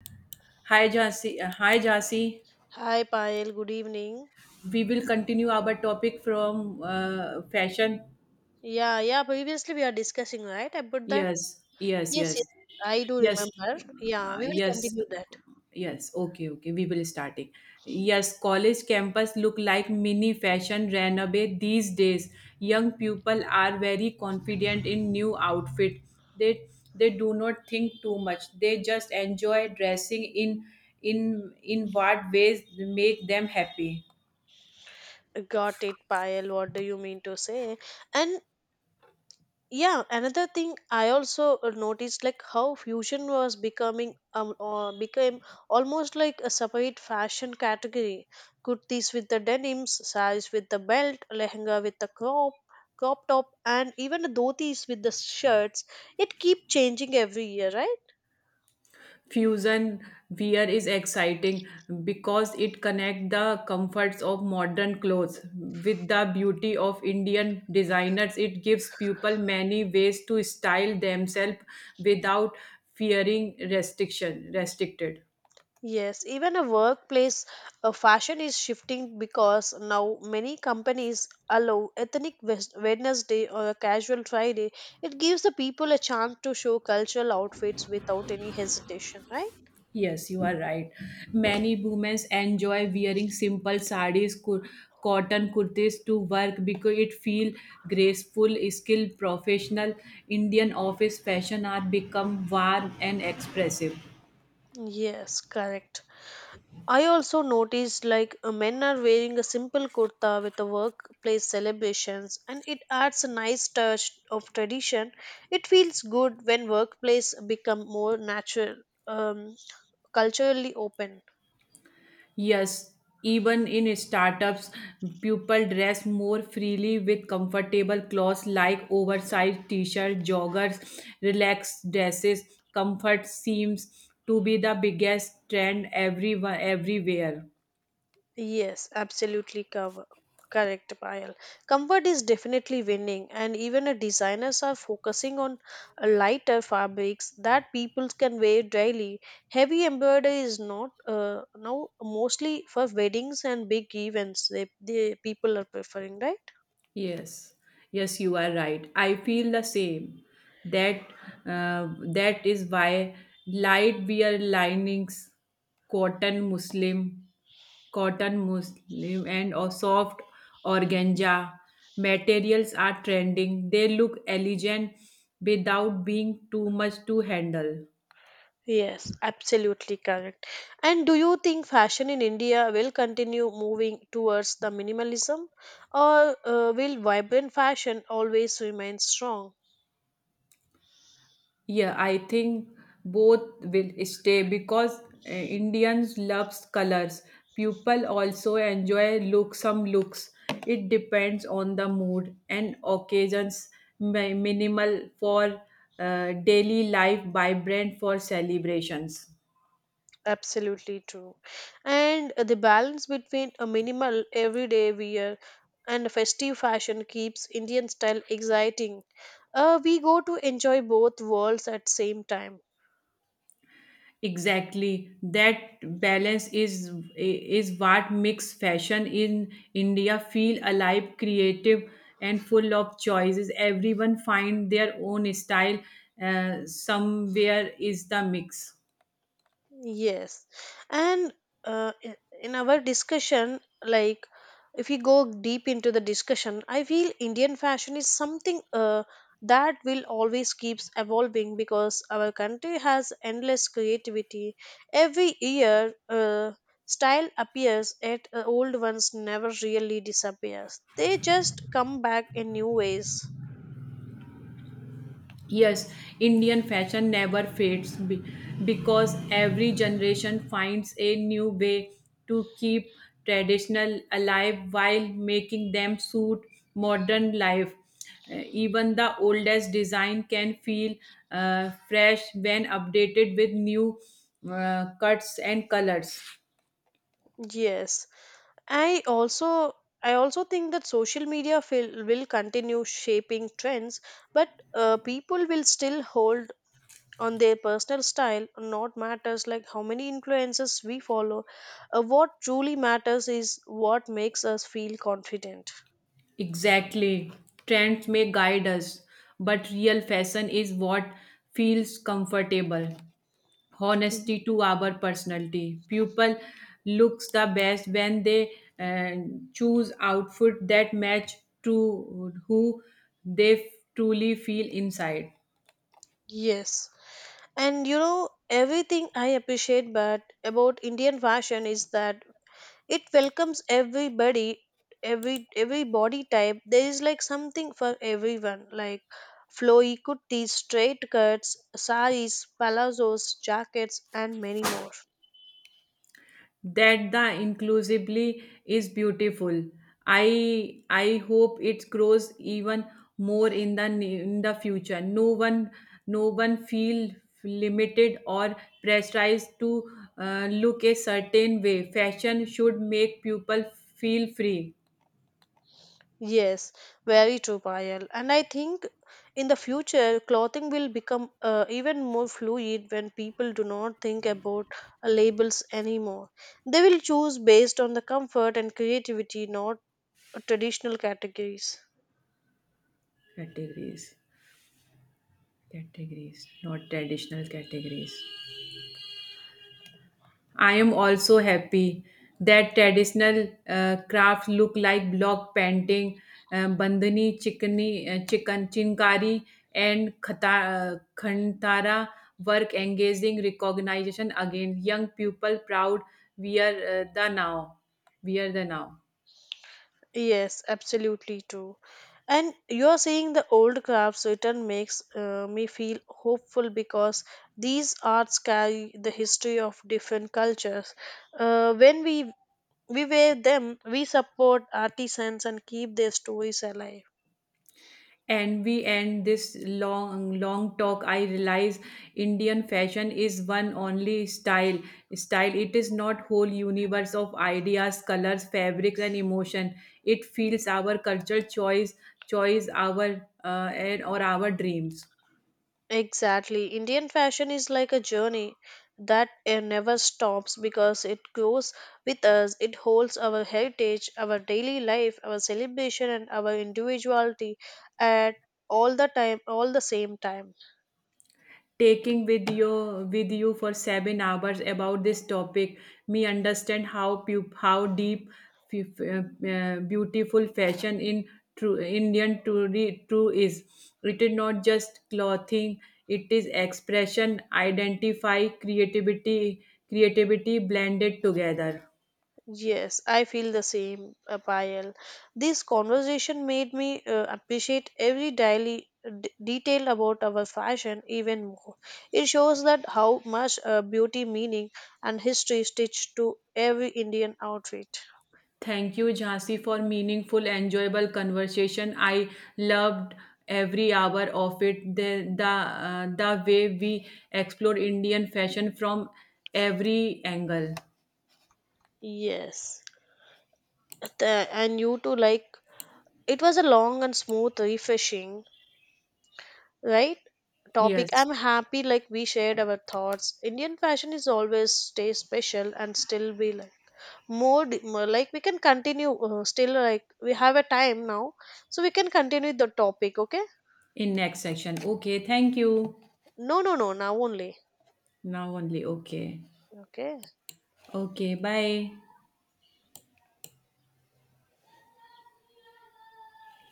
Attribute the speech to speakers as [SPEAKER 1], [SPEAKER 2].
[SPEAKER 1] Hi, Jasi. Hi, Jasi.
[SPEAKER 2] Hi Payal, good evening.
[SPEAKER 1] We will continue our topic from fashion.
[SPEAKER 2] Yeah, yeah, previously we are discussing, right? About that.
[SPEAKER 1] Yes, yes,
[SPEAKER 2] Yes, yes,
[SPEAKER 1] yes,
[SPEAKER 2] I do
[SPEAKER 1] yes,
[SPEAKER 2] remember. Yeah, we will
[SPEAKER 1] yes,
[SPEAKER 2] continue that.
[SPEAKER 1] yes. Okay, okay. We will starting. Yes, college campus look like mini fashion runway these days. Young people are very confident in new outfit. They they do not think too much. They just enjoy dressing in what ways make them happy.
[SPEAKER 2] Got it, Payal. What do you mean to say? And yeah, another thing I also noticed like how fusion was becoming became almost like a separate fashion category. Kurtis with the denims, saris with the belt, lehenga with the crop, crop top, and even the dhotis with the shirts. It keep changing every year, right?
[SPEAKER 1] Fusion wear is exciting because it connects the comforts of modern clothes with the beauty of Indian designers. It gives people many ways to style themselves without fearing restriction restricted.
[SPEAKER 2] Yes, even a workplace fashion is shifting because now many companies allow ethnic Wes- Wednesday or a casual Friday. It gives the people a chance to show cultural outfits without any hesitation, right?
[SPEAKER 1] Yes, you are right. Many women enjoy wearing simple sarees, cotton kurtis to work because it feel graceful, skilled, professional. Indian office fashion are become warm and expressive.
[SPEAKER 2] Yes, correct. I also noticed like men are wearing a simple kurta with the workplace celebrations and it adds a nice touch of tradition. It feels good when workplace become more natural, um, culturally open.
[SPEAKER 1] Yes, even in startups, people dress more freely with comfortable clothes like oversized t-shirt, joggers, relaxed dresses. Comfort seems to be the biggest trend everyone everywhere.
[SPEAKER 2] Yes, absolutely cover. Correct, Payal. Comfort is definitely winning, and even a designers are focusing on a lighter fabrics that people can wear daily. Heavy embroidery is not now mostly for weddings and big events. They people are preferring, right?
[SPEAKER 1] Yes, yes, you are right. I feel the same. That that is why light wear linings, cotton Muslim, cotton Muslim, and or soft organza materials are trending. They look elegant without being too much to handle.
[SPEAKER 2] Yes, absolutely correct. And do you think fashion in India will continue moving towards the minimalism, or will vibrant fashion always remain strong?
[SPEAKER 1] Yeah, I think both will stay because Indians loves colors. People also enjoy look some looks. It depends on the mood and occasions. Minimal for daily life, vibrant for celebrations.
[SPEAKER 2] Absolutely true. And the balance between a minimal everyday wear and a festive fashion keeps Indian style exciting. We go to enjoy both worlds at same time.
[SPEAKER 1] Exactly. That balance is what makes fashion in India feel alive, creative, and full of choices. Everyone find their own style. Somewhere is the mix.
[SPEAKER 2] Yes. And in our discussion, like if we go deep into the discussion, I feel Indian fashion is something that will always keeps evolving because our country has endless creativity. Every year, style appears yet old ones never really disappears. They just come back in new ways.
[SPEAKER 1] Yes, Indian fashion never fades because every generation finds a new way to keep traditional alive while making them suit modern life. Even the oldest design can feel fresh when updated with new cuts and colors.
[SPEAKER 2] Yes. I also I also think that social media will continue shaping trends, but people will still hold on their personal style. Not matters like how many influences we follow. What truly matters is what makes us feel confident.
[SPEAKER 1] Exactly. Trends may guide us, but real fashion is what feels comfortable.
[SPEAKER 2] Y-
[SPEAKER 1] Honesty to our personality. People looks the best when they uh, choose outfit that match to who they truly feel inside.
[SPEAKER 2] Yes, and you know everything I appreciate, but about Indian fashion is that it welcomes everybody every body type there is, like something for everyone, like flowy kurtis, straight cuts, saris, palazzos, jackets, and many more.
[SPEAKER 1] That the inclusively is beautiful. I hope it grows even more in the future. No one feel limited or pressurized to look a certain way. Fashion should make people feel free.
[SPEAKER 2] Yes, very true, Payal. And I think in the future clothing will become even more fluid when people do not think about labels anymore. They will choose based on the comfort and creativity, not traditional categories.
[SPEAKER 1] Categories categories not traditional categories. I am also happy that traditional crafts look like block painting, bandhani, chickani, chicken, chinkari, and khata, khantara work engaging recognition again. Young people proud. We are the now. We are the now.
[SPEAKER 2] Yes, absolutely true. And you're saying the old crafts written makes me feel hopeful because these arts carry the history of different cultures. When we wear them, we support artisans and keep their stories alive.
[SPEAKER 1] And we end this long long talk, I realize Indian fashion is one only style. It is not whole universe of ideas, colors, fabrics, and emotion. It feels our culture, choice, our and or our dreams.
[SPEAKER 2] Exactly. Indian fashion is like a journey that never stops because it goes with us. It holds our heritage, our daily life, our celebration, and our individuality at all the time, all the same time.
[SPEAKER 1] Taking with you for 7 hours about this topic, me understand how how deep, f- uh, beautiful fashion in true indian true, true is. It is not just clothing, it is expression, identify, creativity blended together.
[SPEAKER 2] Yes, I feel the same, Payal. This conversation made me appreciate every daily detail about our fashion even more. It shows that how much beauty, meaning, and history stitched to every Indian outfit.
[SPEAKER 1] Thank you, Jhansi, for meaningful, enjoyable conversation. I loved every hour of it. The way we explored Indian fashion from every angle.
[SPEAKER 2] Yes. And you too. Like it was a long and smooth, refreshing, right? Topic.
[SPEAKER 1] Yes.
[SPEAKER 2] I'm happy like we shared our thoughts. Indian fashion is always stay special and still be like. More more like, we can continue still, like, we have a time now, so we can continue the topic, okay?
[SPEAKER 1] In next section. Okay. Thank you.
[SPEAKER 2] No, no, no, now only.
[SPEAKER 1] Now only. Okay.
[SPEAKER 2] Okay.
[SPEAKER 1] Okay. Bye.